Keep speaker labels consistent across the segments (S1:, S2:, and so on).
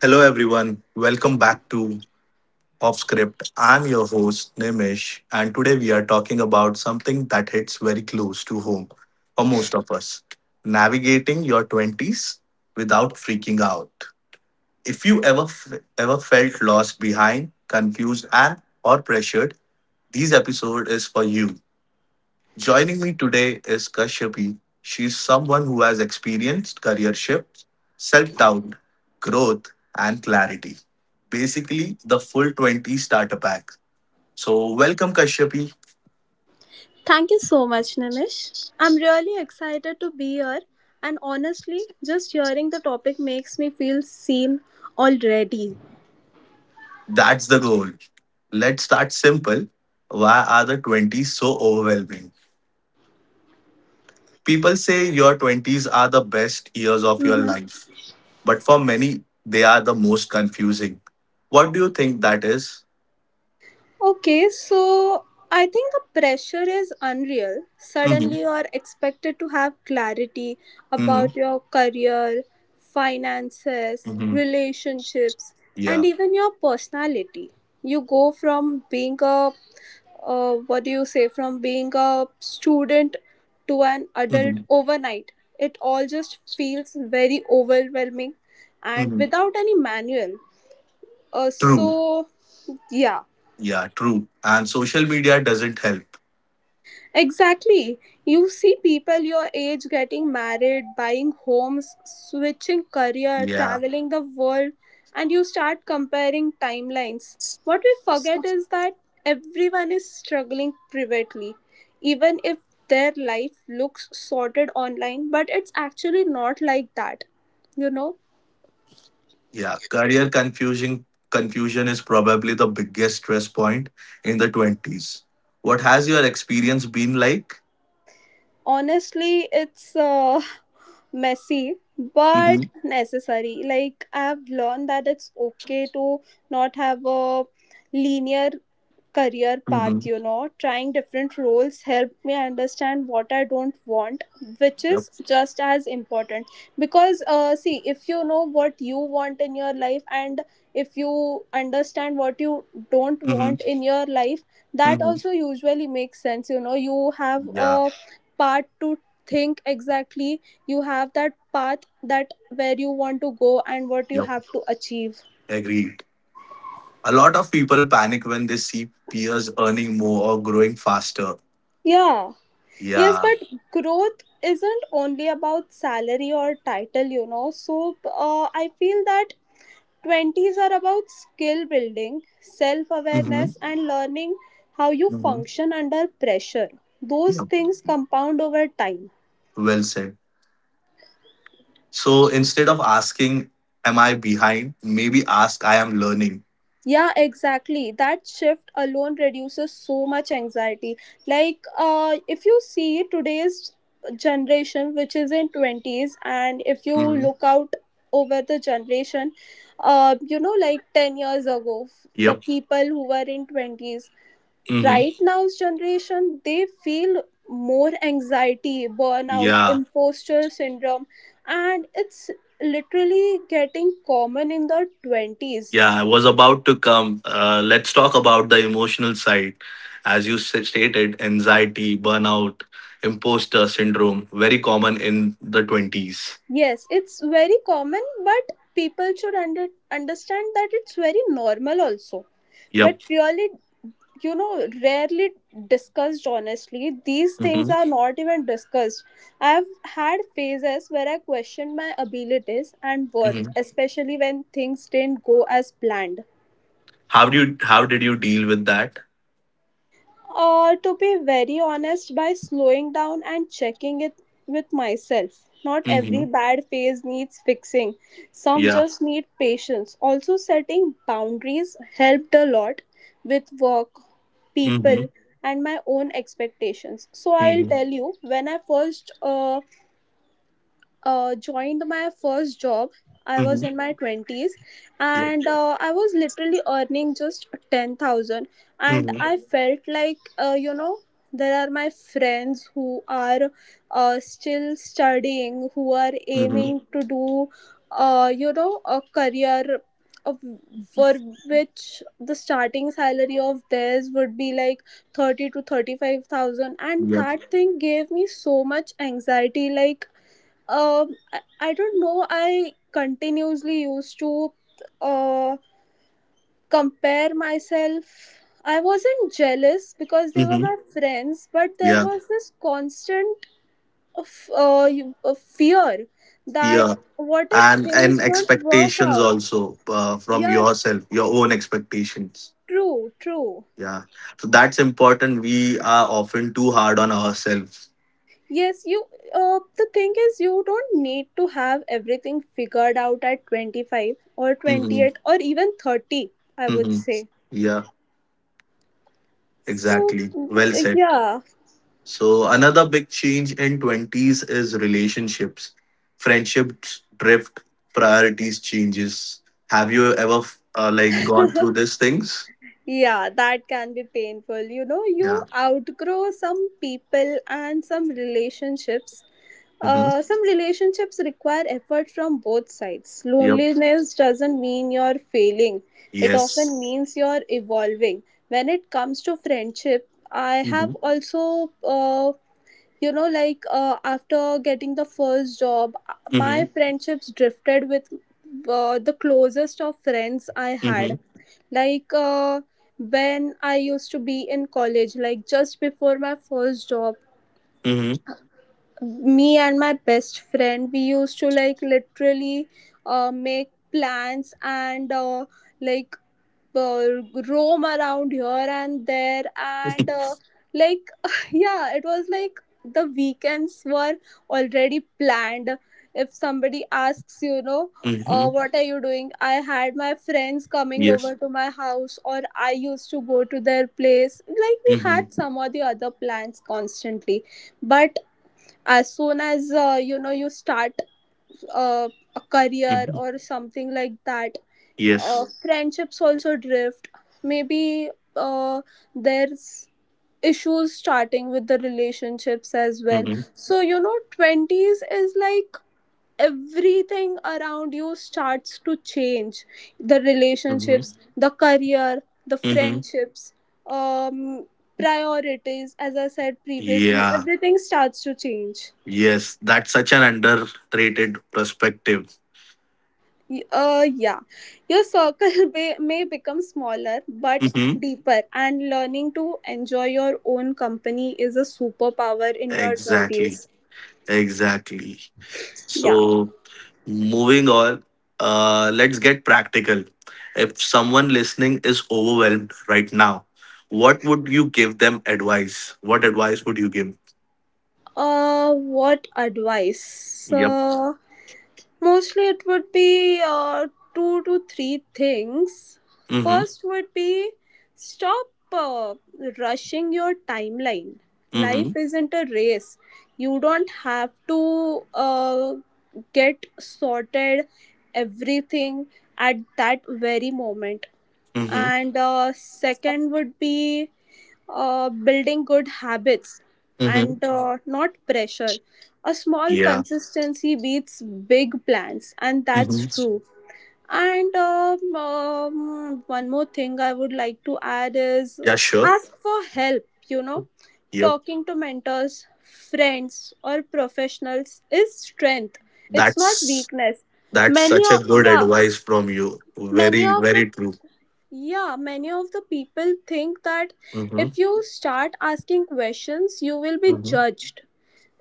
S1: Hello, everyone. Welcome back to Off Script. I'm your host, Nimish, and today we are talking about something that hits very close to home for most of us: navigating your 20s without freaking out. If you ever, ever felt lost, behind, confused, and or pressured, this episode is for you. Joining me today is Kashyapi. She's someone who has experienced career shifts, self doubt, growth, and clarity. Basically, the full 20 starter pack. So, welcome, Kashyapi.
S2: Thank you so much, Nimish. I'm really excited to be here, and honestly, just hearing the topic makes me feel seen already.
S1: That's the goal. Let's start simple. Why are the 20s so overwhelming? People say your 20s are the best years of your life, but for many, they are the most confusing. What do you think that is?
S2: Okay, so I think the pressure is unreal.
S1: Mm-hmm.
S2: Suddenly, you're expected to have clarity
S1: Mm-hmm.
S2: about your career, finances,
S1: Mm-hmm.
S2: relationships, and even your personality. You go from being a, what do you say, from being a student to an
S1: Yeah.
S2: adult overnight. It all just feels very overwhelming and
S1: Mhm.
S2: without any manual. Uh,
S1: True.
S2: so, yeah
S1: Yeah, true. And social media doesn't help.
S2: Exactly. You see people your age getting married, buying homes, switching career,
S1: Yeah.
S2: traveling the world, and you start comparing timelines. What we forget is that everyone is struggling privately, even if their life looks sorted online, but it's actually not like that. You know,
S1: Yeah. Career confusion is probably the biggest stress point in the 20s. What has your experience been like?
S2: honestly, it's messy but
S1: Mm-hmm.
S2: necessary, like I have learned that it's okay to not have a linear career path,
S1: Mm-hmm.
S2: you know. Trying different roles helped me understand what I don't want, which
S1: Yep.
S2: is just as important. Because, see, if you know what you want in your life and if you understand what you don't
S1: Mm-hmm.
S2: want in your life, that
S1: Mm-hmm.
S2: also usually makes sense, you know. You have
S1: Yeah.
S2: a part to think exactly, you have that path that where you want to go and what you
S1: Yep.
S2: have to achieve.
S1: Agreed. A lot of people panic when they see peers earning more or growing faster.
S2: Yeah. Yes,
S1: Yeah.
S2: but growth isn't only about salary or title, you know. So I feel that 20s are about skill building, self
S1: Mm-hmm.
S2: awareness, and learning how you
S1: Mm-hmm.
S2: function under pressure. Those
S1: Yep.
S2: things compound over time.
S1: Well said. So instead of asking, "Am I behind?" maybe ask, "I am learning."
S2: Yeah, exactly. That shift alone reduces so much anxiety. Like, if you see today's generation, which is in 20s, and if you
S1: Hmm.
S2: look out over the generation, you know, like 10 years ago, the
S1: Yep.
S2: people who were in 20s,
S1: Hmm.
S2: right now's generation, they feel more anxiety, burnout,
S1: Yeah.
S2: imposter syndrome, and it's literally getting common in the 20s.
S1: Yeah, I was about to come. Let's talk about the emotional side. As you stated, anxiety, burnout, imposter syndrome, very common in the 20s.
S2: Yes, it's very common, but people should understand that it's very normal also.
S1: Yep.
S2: But really, you know, rarely discussed honestly. These things
S1: Hmm.
S2: are not even discussed. I've had phases where I questioned my abilities and worth,
S1: Hmm.
S2: especially when things didn't go as planned.
S1: How do you, how did you deal with that?
S2: Or to be very honest, by slowing down and checking it with myself. Not every
S1: Hmm.
S2: bad phase needs fixing, some
S1: Yeah.
S2: just need patience. Also, setting boundaries helped a lot with work,
S1: Hmm.
S2: people, and my own expectations. So, I'll
S1: Hmm.
S2: tell you when I first joined my first job, I was
S1: Hmm.
S2: in my 20s,
S1: Yep.
S2: and I was literally earning just 10,000, and
S1: Hmm.
S2: I felt like you know, there are my friends who are still studying, who are
S1: Hmm.
S2: aiming to do, you know, a career of, for which the starting salary of theirs would be like 30 to 35,000, and
S1: Yep.
S2: that thing gave me so much anxiety. Like, I don't know, I continuously used to uh compare myself. I wasn't jealous because they were
S1: Hmm.
S2: my friends, but there was this constant, of of fear that
S1: Yeah.
S2: what if
S1: And
S2: things won't work
S1: expectations
S2: out.
S1: also, from
S2: Yeah,
S1: yourself, your own expectations.
S2: true, true.
S1: Yeah. So that's important. We are often too hard on ourselves.
S2: Yes, you the thing is you don't need to have everything figured out at 25 or
S1: Mm-hmm.
S2: 28 or even 30, I would
S1: Mm-hmm.
S2: say.
S1: Yeah,
S2: So,
S1: exactly. Well
S2: y-
S1: said.
S2: yeah,
S1: So another big change in 20s is relationships. Friendships drift, priorities changes. Have you ever like, gone through these things?
S2: yeah, that can be painful. You know, you
S1: Yeah.
S2: outgrow some people and some relationships.
S1: Mm-hmm.
S2: Some relationships require effort from both sides.
S1: Yep.
S2: Loneliness doesn't mean you're failing, it
S1: Yes.
S2: often means you're evolving. When it comes to friendship, I
S1: Mm-hmm.
S2: have also, you know, like after getting the first job, my
S1: Mm-hmm.
S2: friendships drifted with the closest of friends I
S1: Mm-hmm.
S2: had. Like, when I used to be in college, like just before my first job,
S1: Mm-hmm.
S2: me and my best friend, we used to like literally make plans and, like uh, roam around here and there, and like yeah, it was like the weekends were already planned. If somebody asks, you know,
S1: Mm-hmm.
S2: what are you doing, I had my friends coming
S1: Yes.
S2: over to my house, or I used to go to their place. Like, we
S1: Mm-hmm.
S2: had some or the other plans constantly. But as soon as, you know, you start uh, a career
S1: Mm-hmm.
S2: or something like that,
S1: Yes.
S2: friendships also drift. Maybe uh, there's issues starting with the relationships as well.
S1: Mm-hmm.
S2: So, you know, 20s is like everything around you starts to change, the
S1: Mm-hmm.
S2: relationships, the career, the
S1: Mm-hmm.
S2: friendships. um Priorities, as I said previously,
S1: Yeah.
S2: everything starts to change.
S1: Yes. That's such an underrated perspective.
S2: Yeah, your circle may become smaller but
S1: Mm-hmm.
S2: deeper, and learning to enjoy your own company is a superpower in your
S1: Exactly.
S2: 20s.
S1: Exactly.
S2: Yeah.
S1: So, moving on, let's get practical. If someone listening is overwhelmed right now, what would you give them advice? What advice would you give?
S2: What advice?
S1: Yep.
S2: Mostly it would be, two to three things.
S1: Mm-hmm.
S2: First would be stop, uh, rushing your timeline.
S1: Mm-hmm.
S2: Life isn't a race. You don't have to, get sorted everything at that very moment.
S1: Mm-hmm.
S2: And second would be, building good habits
S1: Mm-hmm.
S2: and, not pressure. A small
S1: Yeah.
S2: consistency beats big plans, and that's
S1: Mm-hmm.
S2: true. And one more thing I would like to add is,
S1: Yeah, sure.
S2: ask for help, you know,
S1: Yep.
S2: talking to mentors, friends, or professionals is strength. It's not
S1: That's
S2: weakness.
S1: That's
S2: Many
S1: such a
S2: of
S1: good
S2: yeah,
S1: advice from you.
S2: many
S1: Very,
S2: of the
S1: very true.
S2: yeah, many of the people think that
S1: Mm-hmm.
S2: if you start asking questions, you will be
S1: Mm-hmm.
S2: judged,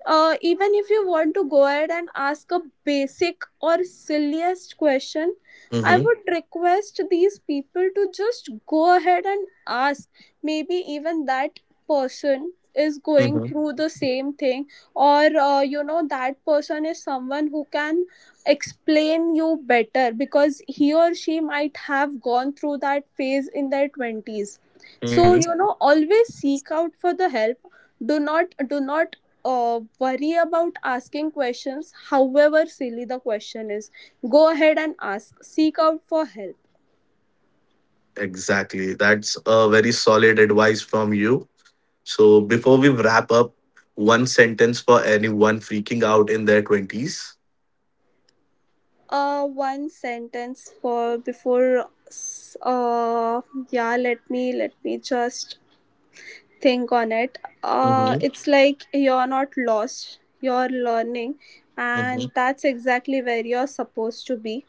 S2: even if you want to go ahead and ask a basic or silliest question. I
S1: Mm-hmm.
S2: would request these people to just go ahead and ask. Maybe even that person is going
S1: Mm-hmm.
S2: through the same thing, or you know, that person is someone who can explain you better because he or she might have gone through that phase in their 20s. So,
S1: Mm-hmm.
S2: you know, always seek out for the help. Do not worry about asking questions, however silly the question is. Go ahead and ask, seek out for help.
S1: Exactly. That's a very solid advice from you. So before we wrap up, one sentence for anyone freaking out in their 20s.
S2: One sentence for yeah, let me just think on it. Uh,
S1: Mm-hmm.
S2: it's like you're not lost, you're learning,
S1: Mm-hmm.
S2: and that's exactly where you're supposed to be.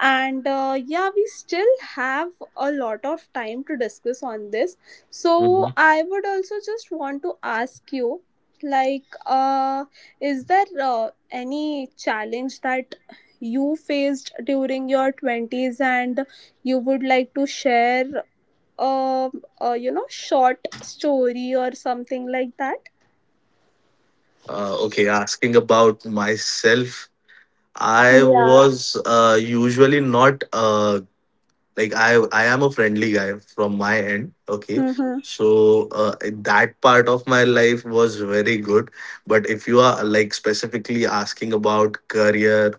S2: And, yeah, we still have a lot of time to discuss on this, so
S1: Mm-hmm.
S2: I would also just want to ask you, like, is there any challenge that you faced during your 20s and you would like to share, um you know, short story or something like that.
S1: Okay, asking about myself. I
S2: Yeah.
S1: was usually not like, I am a friendly guy from my end, okay?
S2: Mm-hmm.
S1: So, that part of my life was very good. But if you are like specifically asking about career,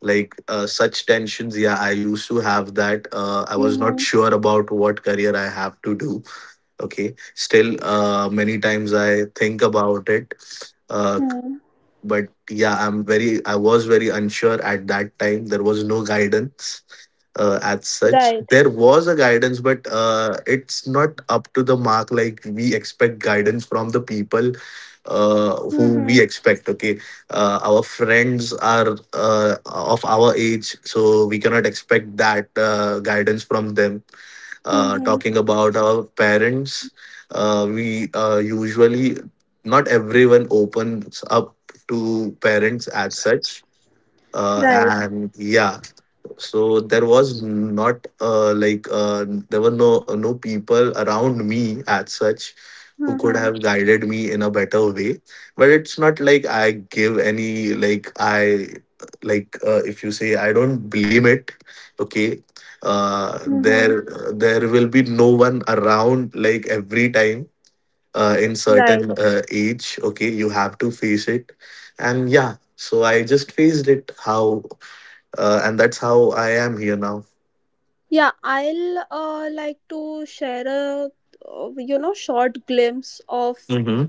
S1: like, such tensions, yeah, I used to have that. I was not
S2: Mm-hmm.
S1: sure about what career I have to do, okay? Still, many times I think about it. Uh,
S2: Mm-hmm.
S1: but yeah, I was very unsure at that time. There was no guidance, as such.
S2: Right.
S1: There was a guidance, but it's not up to the mark, like, we expect guidance from the people who
S2: Mm-hmm.
S1: we expect, okay? Our friends are, of our age, so we cannot expect that guidance from them.
S2: Mm-hmm.
S1: Talking about our parents, we usually, not everyone opens up to parents as such.
S2: Right.
S1: And yeah, so there was not, there were no, no people around me as such who could
S2: Mm-hmm.
S1: have guided me in a better way. But it's not like I give any, like, if you say, I don't blame it, okay?
S2: Mm-hmm.
S1: There, there will be no one around. Like, every time, in
S2: Right.
S1: certain, age, okay, you have to face it. And yeah, so I just faced it, how, and that's how I am here now.
S2: Yeah, I'll, like to share a, you know, short glimpse of,
S1: Hmm.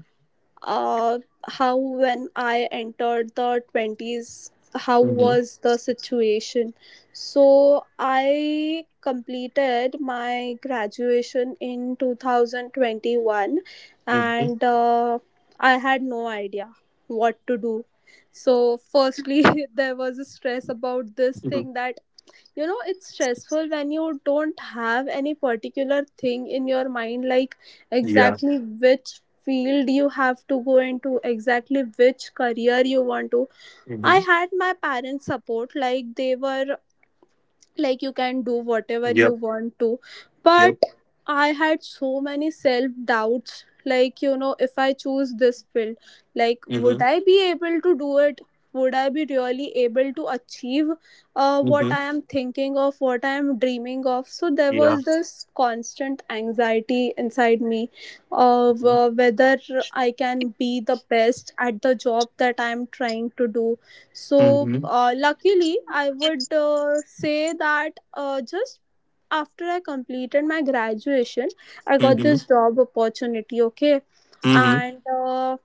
S2: uh, how, when I entered the 20s, how
S1: Hmm.
S2: was the situation. So I completed my graduation in 2021,
S1: Hmm.
S2: and I had no idea what to do. So, firstly, there was a stress about this
S1: Hmm.
S2: thing, that, you know, it's stressful when you don't have any particular thing in your mind, like
S1: Yeah.
S2: exactly which field you have to go into, exactly which career you want to. I
S1: Hmm.
S2: had my parents support, like they were like, you can do whatever you
S1: Yep.
S2: want to,
S1: Yep.
S2: but I had so many self doubts, like, you know, if I choose this field, like, would
S1: Hmm.
S2: I be able to do it, would I be really able to achieve what
S1: Hmm.
S2: I am thinking of, what I am dreaming of. So there
S1: Yeah.
S2: was this constant anxiety inside me, of
S1: Hmm.
S2: whether I can be the best at the job that I am trying to do. So,
S1: Hmm.
S2: luckily, I would, say that, just after I completed my graduation, I got this job opportunity, okay?
S1: Hmm.
S2: And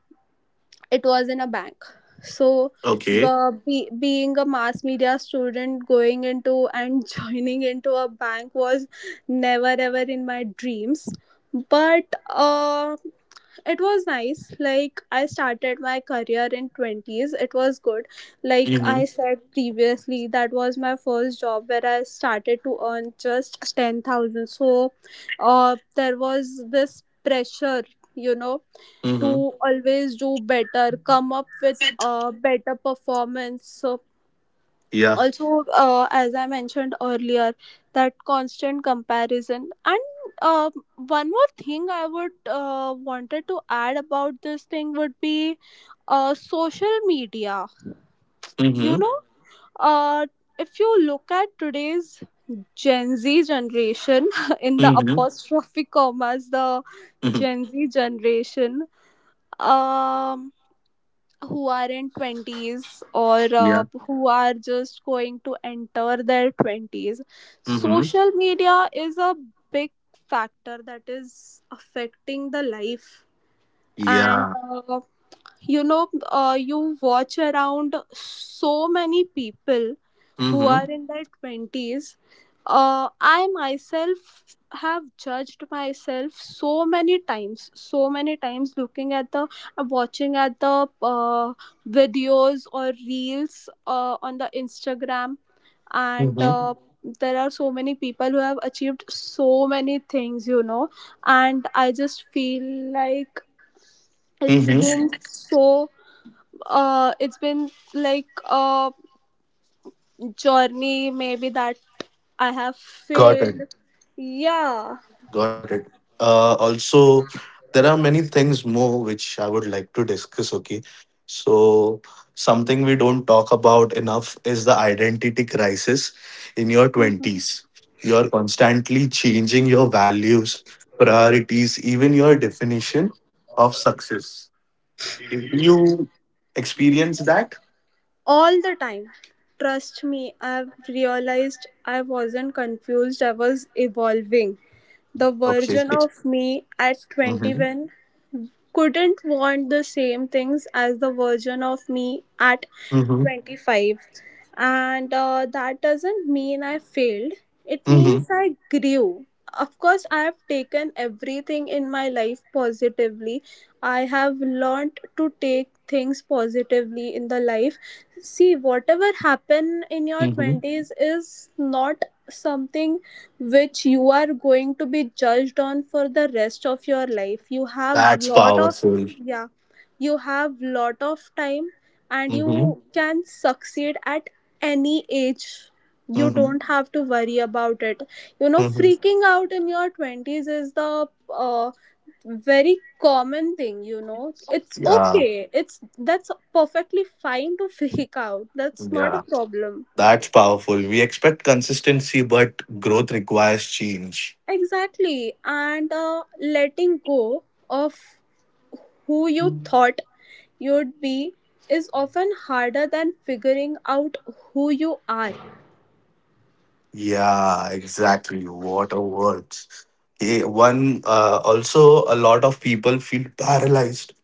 S2: it was in a bank. So,
S1: Okay.
S2: being a mass media student, going into and joining into a bank was never ever in my dreams. But it was nice, like I started my career in 20s, it was good. Like
S1: Hmm.
S2: I said previously, that was my first job where I started to earn just 10,000. So, there was this pressure, you know,
S1: Hmm.
S2: to always do better, come up with a better performance. So,
S1: Yeah.
S2: also, as I mentioned earlier, that constant comparison and, uh, one more thing I would, wanted to add about this thing would be, social media.
S1: Hmm.
S2: You
S1: Hmm.
S2: know, uh, if you look at today's gen z generation, in the
S1: Hmm.
S2: apostrophe commas, the gen z generation, um who are in 20s or,
S1: Yeah.
S2: who are just going to enter their 20s,
S1: Hmm.
S2: social media is a big factor that is affecting the life. And
S1: Yeah.
S2: you know, you watch around so many people who
S1: Hmm.
S2: are in their 20s. Uh, I myself have judged myself so many times, so many times looking at the, watching at the, videos or reels on the instagram, and,
S1: Hmm.
S2: there are so many people who have achieved so many things, you know. And I just feel like it's
S1: Hmm.
S2: been so, it's been like a journey, maybe, that I have
S1: Got
S2: failed.
S1: it.
S2: Yeah,
S1: Got it. Also, there are many things more which I would like to discuss. Okay. So, something we don't talk about enough is the identity crisis in your 20s. You're constantly changing your values, priorities, even your definition of success. Do you experience that?
S2: all the time, trust me. I've realized I wasn't confused, I was evolving. The
S1: Okay.
S2: version of me at
S1: Mm-hmm.
S2: 21. Couldn't want the same things as the version of me at
S1: Mm-hmm.
S2: 25. And That doesn't mean I failed, it
S1: Mm-hmm.
S2: means I grew. Of course, I have taken everything in my life positively. I have learned to take things positively in the life. See, whatever happened in your
S1: Mm-hmm.
S2: 20s is not something which you are going to be judged on for the rest of your life. You have
S1: That's
S2: lot of,
S1: powerful.
S2: yeah, you have lot of time, and
S1: Mm-hmm.
S2: you can succeed at any age. You
S1: Mm-hmm.
S2: don't have to worry about it. You know,
S1: Mm-hmm.
S2: freaking out in your 20s is the very common thing, you know. It's
S1: Yeah.
S2: okay, it's that's perfectly fine to freak out. That's not a
S1: Yeah.
S2: problem.
S1: That's powerful. We expect consistency, but growth requires change.
S2: Exactly. And the letting go of who you thought you'd be is often harder than figuring out who you are.
S1: Yeah, exactly. What a words. Eh, one, also, a lot of people feel paralyzed.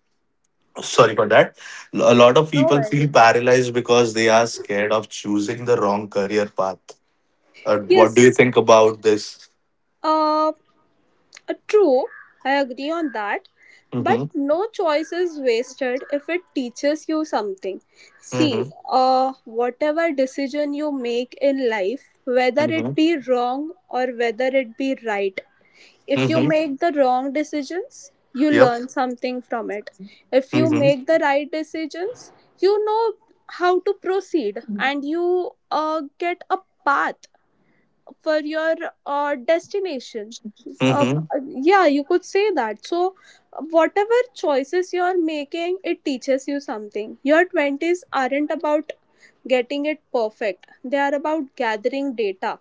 S1: Sorry for that. A lot of
S2: No
S1: people feel
S2: worries.
S1: paralyzed because they are scared of choosing the wrong career path. What do you
S2: Yes,
S1: think about this?
S2: uh, uh, true. I agree on that. But
S1: Mm-hmm.
S2: no choice is wasted if it teaches you something. See,
S1: Mm-hmm.
S2: whatever decision you make in life, whether it
S1: Mm-hmm.
S2: be wrong or whether it be right, if you
S1: Mm-hmm.
S2: make the wrong decisions you
S1: Yep.
S2: learn something from it. If you
S1: Mm-hmm.
S2: make the right decisions, you know how to proceed, and you get a path for your destination. uh,
S1: Mm-hmm.
S2: yeah, you could say that. So whatever choices you're making, it teaches you something. Your 20s aren't about getting it perfect, they are about gathering data.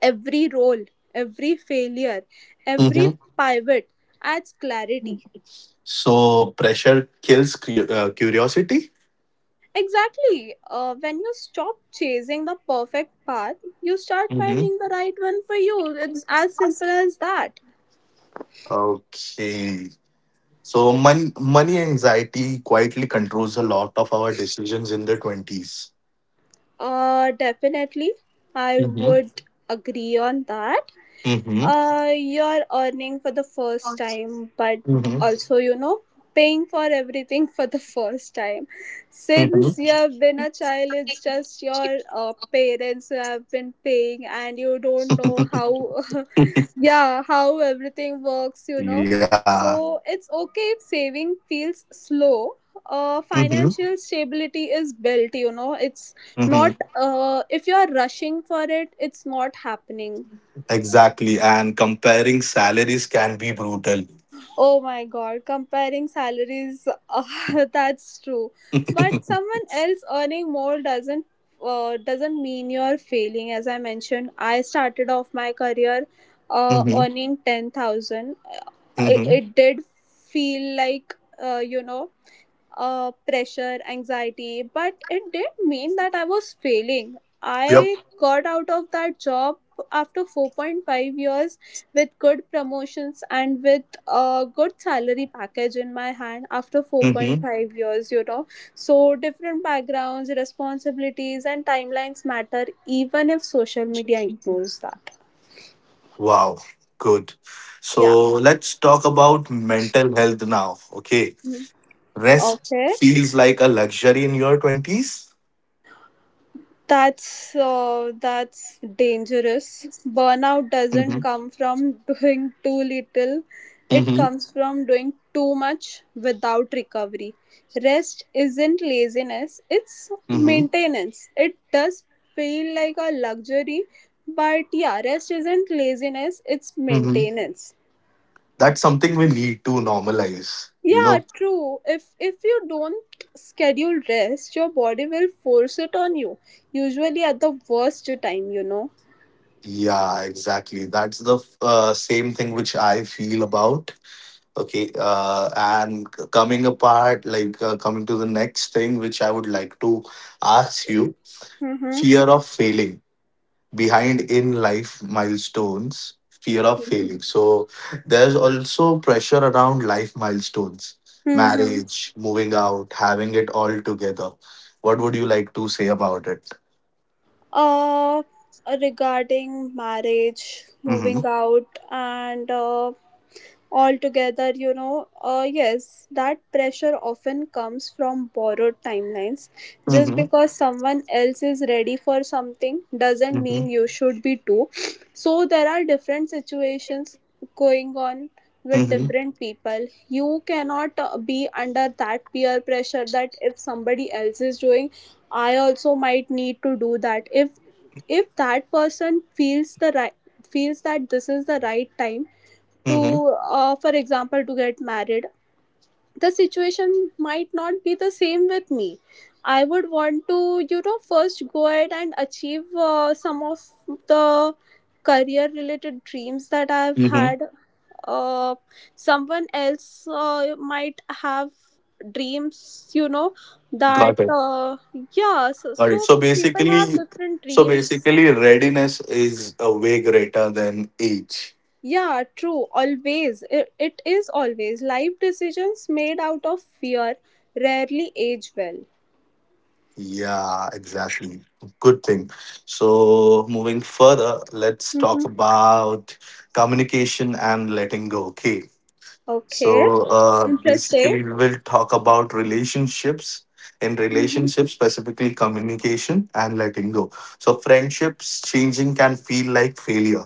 S2: Every role, every failure, every
S1: Mm-hmm.
S2: pivot adds clarity.
S1: So pressure kills curiosity.
S2: Exactly. When you stop chasing the perfect path, you start
S1: Mhm.
S2: finding the right one for you. It's as simple as that.
S1: Okay. So money anxiety quietly controls a lot of our decisions in the 20s.
S2: Definitely, I
S1: Mm-hmm.
S2: would agree on that.
S1: Mm-hmm.
S2: You're earning for the first time, but
S1: Mm-hmm.
S2: also, you know, paying for everything for the first time. Since you have been a child, it's just your parents who have been paying, and you don't know how,
S1: Mm-hmm.
S2: yeah, how everything works, you know.
S1: yeah.
S2: So it's okay if saving feels slow.
S1: Mm-hmm.
S2: Financial stability is built, you know. It's
S1: Mm-hmm.
S2: not, if you are rushing for it, it's not happening.
S1: Exactly. And comparing salaries can be brutal.
S2: Oh my god, comparing salaries, that's true. But someone else earning more doesn't mean you're failing. As I mentioned, I started off my career
S1: Mm-hmm.
S2: earning 10,000. It,
S1: Mm-hmm.
S2: it did feel like, you know, pressure, anxiety, but it did mean that I was failing.
S1: Yep.
S2: I got out of that job after 4.5 years with good promotions and with a good salary package in my hand after
S1: Mm-hmm.
S2: 4.5 years, you know. So, different backgrounds, responsibilities, and timelines matter even if social media ignores that.
S1: Wow. Good.
S2: Yeah.
S1: So let's talk about mental health now. Okay.
S2: Mhm.
S1: Rest
S2: Okay.
S1: feels like a luxury in your 20s.
S2: That's dangerous. Burnout doesn't
S1: Mm-hmm.
S2: come from doing too little. It comes from doing too much without recovery. Rest isn't laziness, it's
S1: Mm-hmm.
S2: maintenance. It does feel like a luxury, but yeah, rest isn't laziness, it's
S1: Mhm.
S2: maintenance.
S1: That's something we need to normalize, you
S2: Yeah,
S1: know?
S2: true. If you don't schedule rest, your body will force it on you. Usually at the worst time, you know.
S1: Yeah, exactly. That's the same thing which I feel about. Okay. And coming apart, like, coming to the next thing, which I would like to ask you:
S2: Mm-hmm.
S1: fear of failing behind in life milestones, fear of failing. So there's also pressure around life milestones:
S2: Mm-hmm.
S1: marriage, moving out, having it all together. What would you like to say about it?
S2: Uh, Regarding marriage,
S1: Mm-hmm.
S2: moving out, and altogether, you know, yes, that pressure often comes from borrowed timelines. Just
S1: Mm-hmm.
S2: because someone else is ready for something doesn't
S1: Mm-hmm.
S2: mean you should be too. So there are different situations going on with
S1: Mm-hmm.
S2: different people. You cannot be under that peer pressure, that if somebody else is doing, I also might need to do that. If that person feels the right feels that this is the right time
S1: Mm-hmm.
S2: to, for example, to get married, the situation might not be the same with me. I would want to, you know, first go ahead and achieve some of the career related dreams that I've
S1: Mm-hmm.
S2: had. Uh, Someone else might have dreams, you know, that,
S1: Got it.
S2: yeah, so,
S1: Got it.
S2: so
S1: So
S2: people have
S1: basically,
S2: different dreams.
S1: readiness is a way greater than age.
S2: Yeah, true. Always. It is always. Life decisions made out of fear rarely age well.
S1: Yeah, exactly. Good thing. So moving further, let's
S2: Mm-hmm.
S1: talk about communication and letting go. Okay.
S2: Okay.
S1: So,
S2: Interesting.
S1: basically, we will talk about relationships. In
S2: Mm-hmm.
S1: relationships, specifically communication and letting go. So friendships changing can feel like failure.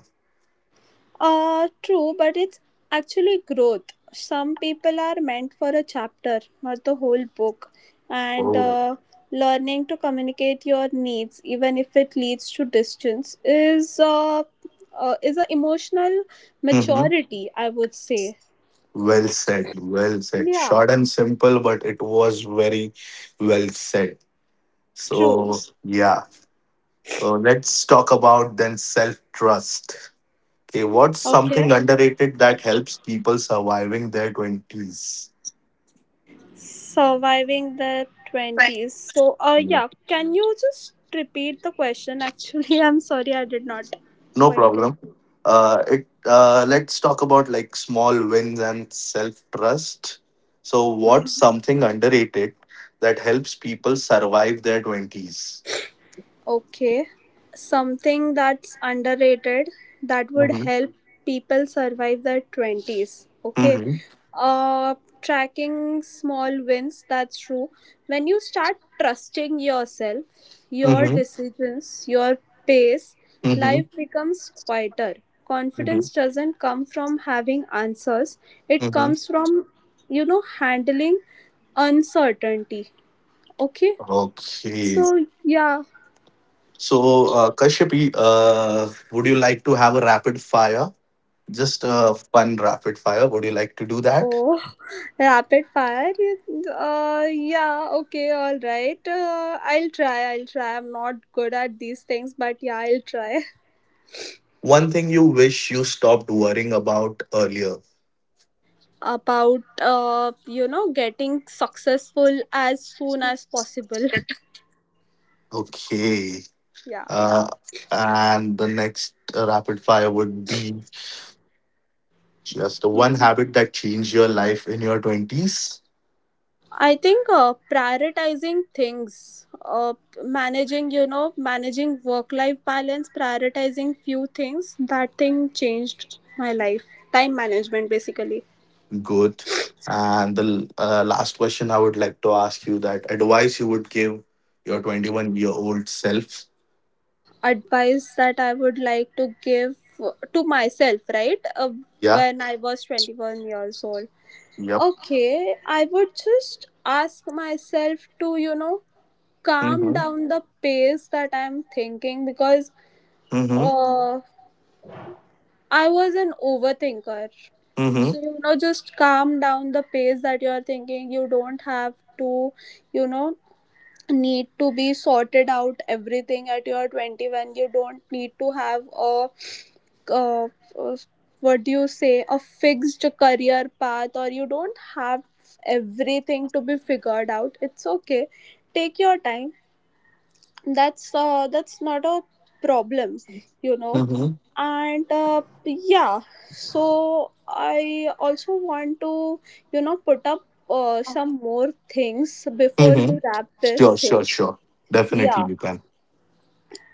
S2: True, but it's actually growth. Some people are meant for a chapter, not the whole book. And
S1: Oh.
S2: Learning to communicate your needs, even if it leads to distance, is a emotional
S1: Hmm.
S2: maturity, I would say.
S1: Well said. Well said.
S2: Yeah.
S1: Short and simple, but it was very well said.
S2: True.
S1: So, yeah. So, let's talk about, then, self trust. Okay, what's
S2: Okay.
S1: something underrated that helps people surviving their 20s?
S2: Surviving the 20s. So,
S1: Yeah.
S2: yeah, can you just repeat the question? Actually, I'm sorry, I did not
S1: No
S2: quite get.
S1: problem. It Let's talk about, like, small wins and self trust. So, what's something underrated that helps people survive their 20s?
S2: Okay. Something that's underrated that would help people survive their 20s. Okay.
S1: Mm-hmm.
S2: Tracking small wins. That's true. When you start trusting yourself, your
S1: Mm-hmm.
S2: decisions, your pace,
S1: Mm-hmm.
S2: life becomes quieter.
S1: Mm-hmm.
S2: Confidence doesn't come from having answers, it
S1: Mm-hmm.
S2: comes from, you know, handling uncertainty. Okay.
S1: Okay.
S2: So, yeah.
S1: So, Kashyap, would you like to have a rapid fire? Just a fun rapid fire. Would you like to do that?
S2: Oh, rapid fire? You- Yeah, okay, all right. I'll try. I'm not good at these things, but yeah, I'll try.
S1: One thing you wish you stopped worrying about earlier.
S2: About, you know, getting successful as soon as possible.
S1: Okay.
S2: Yeah.
S1: Uh, and the next rapid fire would be just one habit that changed your life in your 20s.
S2: I think prioritizing things, managing, you know, managing work life balance, prioritizing few things, that thing changed my life. Time management, basically.
S1: Good. And the last question I would like to ask you: that advice you would give your 21-year-old self.
S2: Advice that I would like to give to myself, right?
S1: Yeah.
S2: When I was 21 years old.
S1: Yep.
S2: Okay, I would just ask myself to, you know, calm
S1: Mm-hmm.
S2: down the pace that I'm thinking, because
S1: Mm-hmm.
S2: uh, I was an overthinker.
S1: Mm-hmm.
S2: So, you know, just calm down the pace that you're thinking. You don't have to, you know, need to be sorted out everything at your 21. You don't need to have a, uh, uh, what do you say, a fixed career path, or you don't have everything to be figured out. It's okay, take your time. That's not a problem, you know.
S1: Mm-hmm.
S2: And yeah, so I also want to, you know, put up some more things before
S1: Mm-hmm.
S2: we wrap this
S1: Sure, sure,
S2: thing.
S1: sure. Definitely
S2: Yeah,
S1: you can.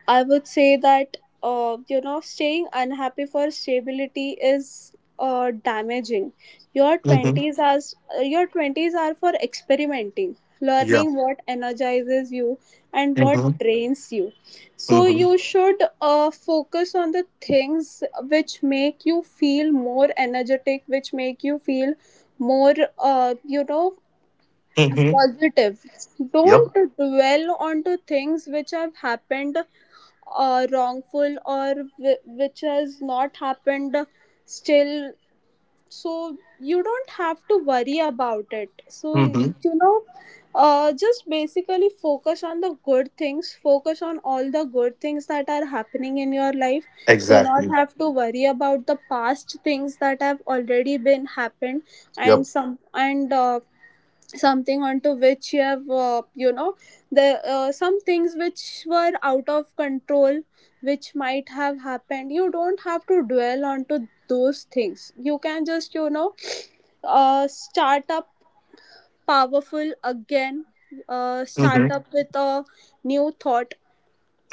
S2: I would say that you know, staying unhappy for stability is damaging. Your
S1: Mm-hmm.
S2: twenties are your twenties are for experimenting,
S1: Yeah.
S2: learning what energizes you and
S1: Mm-hmm.
S2: what drains you. So
S1: Mm-hmm.
S2: you should focus on the things which make you feel more energetic, which make you feel more you know,
S1: Mm-hmm.
S2: positive. Don't
S1: Yep.
S2: dwell onto things which have happened wrongful, or which has not happened still. So you don't have to worry about it. So
S1: Mm-hmm.
S2: you know, just basically focus on the good things, focus on all the good things that are happening in your life. Do not
S1: Exactly.
S2: have to worry about the past things that have already been happened, and
S1: Yep.
S2: some and uh, something onto which you have, you know, the some things which were out of control which might have happened. You don't have to dwell onto those things. You can just, you know, start up powerful again,
S1: Mm-hmm.
S2: start up with a new thought,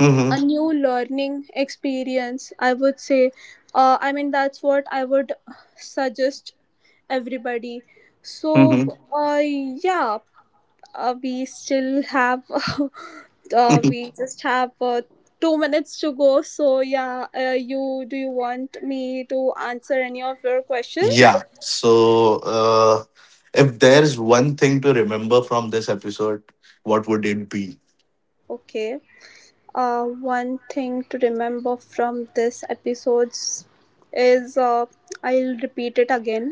S1: Mm-hmm.
S2: a new learning experience, I would say. I mean, that's what I would suggest everybody. So
S1: Mm-hmm.
S2: yeah, we still have we just have 2 minutes to go. So yeah, you, do you want me to answer any of your questions?
S1: Yeah. So, uh, if there's one thing to remember from this episode, what would it be?
S2: Okay, one thing to remember from this episodes is, I'll repeat it again.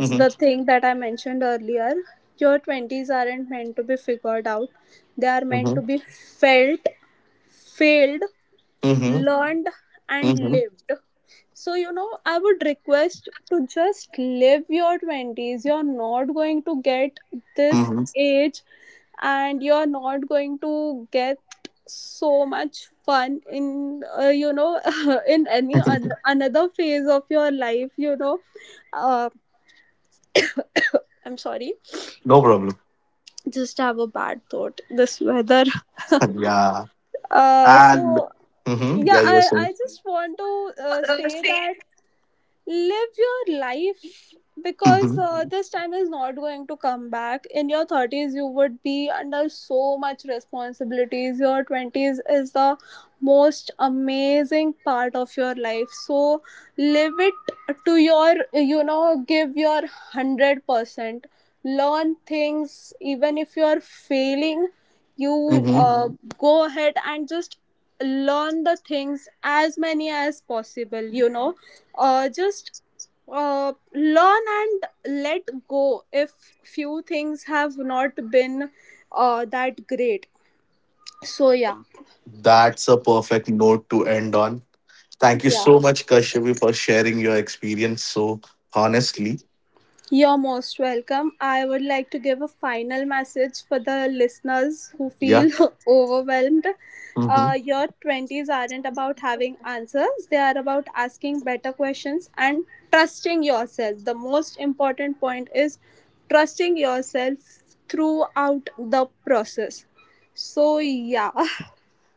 S2: It's the thing that I mentioned earlier. Your 20s aren't meant to be figured out, they are meant
S1: Mm-hmm.
S2: to be felt, filled,
S1: Mm-hmm.
S2: learned, and
S1: Mm-hmm.
S2: lived. So you know, I would request to just live your 20s. You're not going to get this
S1: Mm-hmm.
S2: age, and you're not going to get so much fun in, you know, in any other another phase of your life, you know. uh, I'm sorry,
S1: no problem.
S2: just have a bad thought this weather.
S1: yeah. And,
S2: So
S1: hmm,
S2: yeah,
S1: yeah, you were
S2: i
S1: saying.
S2: i just want to say that live your life,
S1: Hmm.
S2: because this time is not going to come back. In your 30s you would be under so much responsibilities. Your 20s is the most amazing part of your life, so live it to your, you know, give your 100%. Learn things even if you are failing. You
S1: Hmm.
S2: go ahead and just learn the things as many as possible, you know. Just learn and let go if few things have not been that great. So yeah.
S1: That's a perfect note to end on. Thank you
S2: Yeah.
S1: so much, Kashyapi, for sharing your experience so honestly.
S2: You're most welcome. I would like to give a final message for the listeners who
S1: Yeah.
S2: feel overwhelmed.
S1: Hmm.
S2: Your 20s aren't about having answers, they are about asking better questions and trusting yourself. The most important point is trusting yourself throughout the process. So, yeah.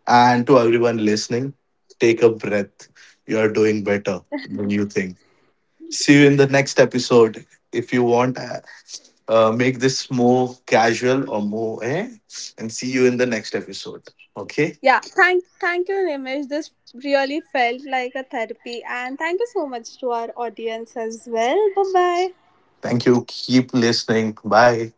S1: And to everyone listening, take a breath. You are doing better than you think. See you in the next episode. If you want, make this more casual or more, eh? And see you in the next episode. Okay.
S2: Yeah, thank you, Nimish. This really felt like a therapy, and thank you so much to our audience as well. Bye bye.
S1: Thank you. Keep listening. Bye.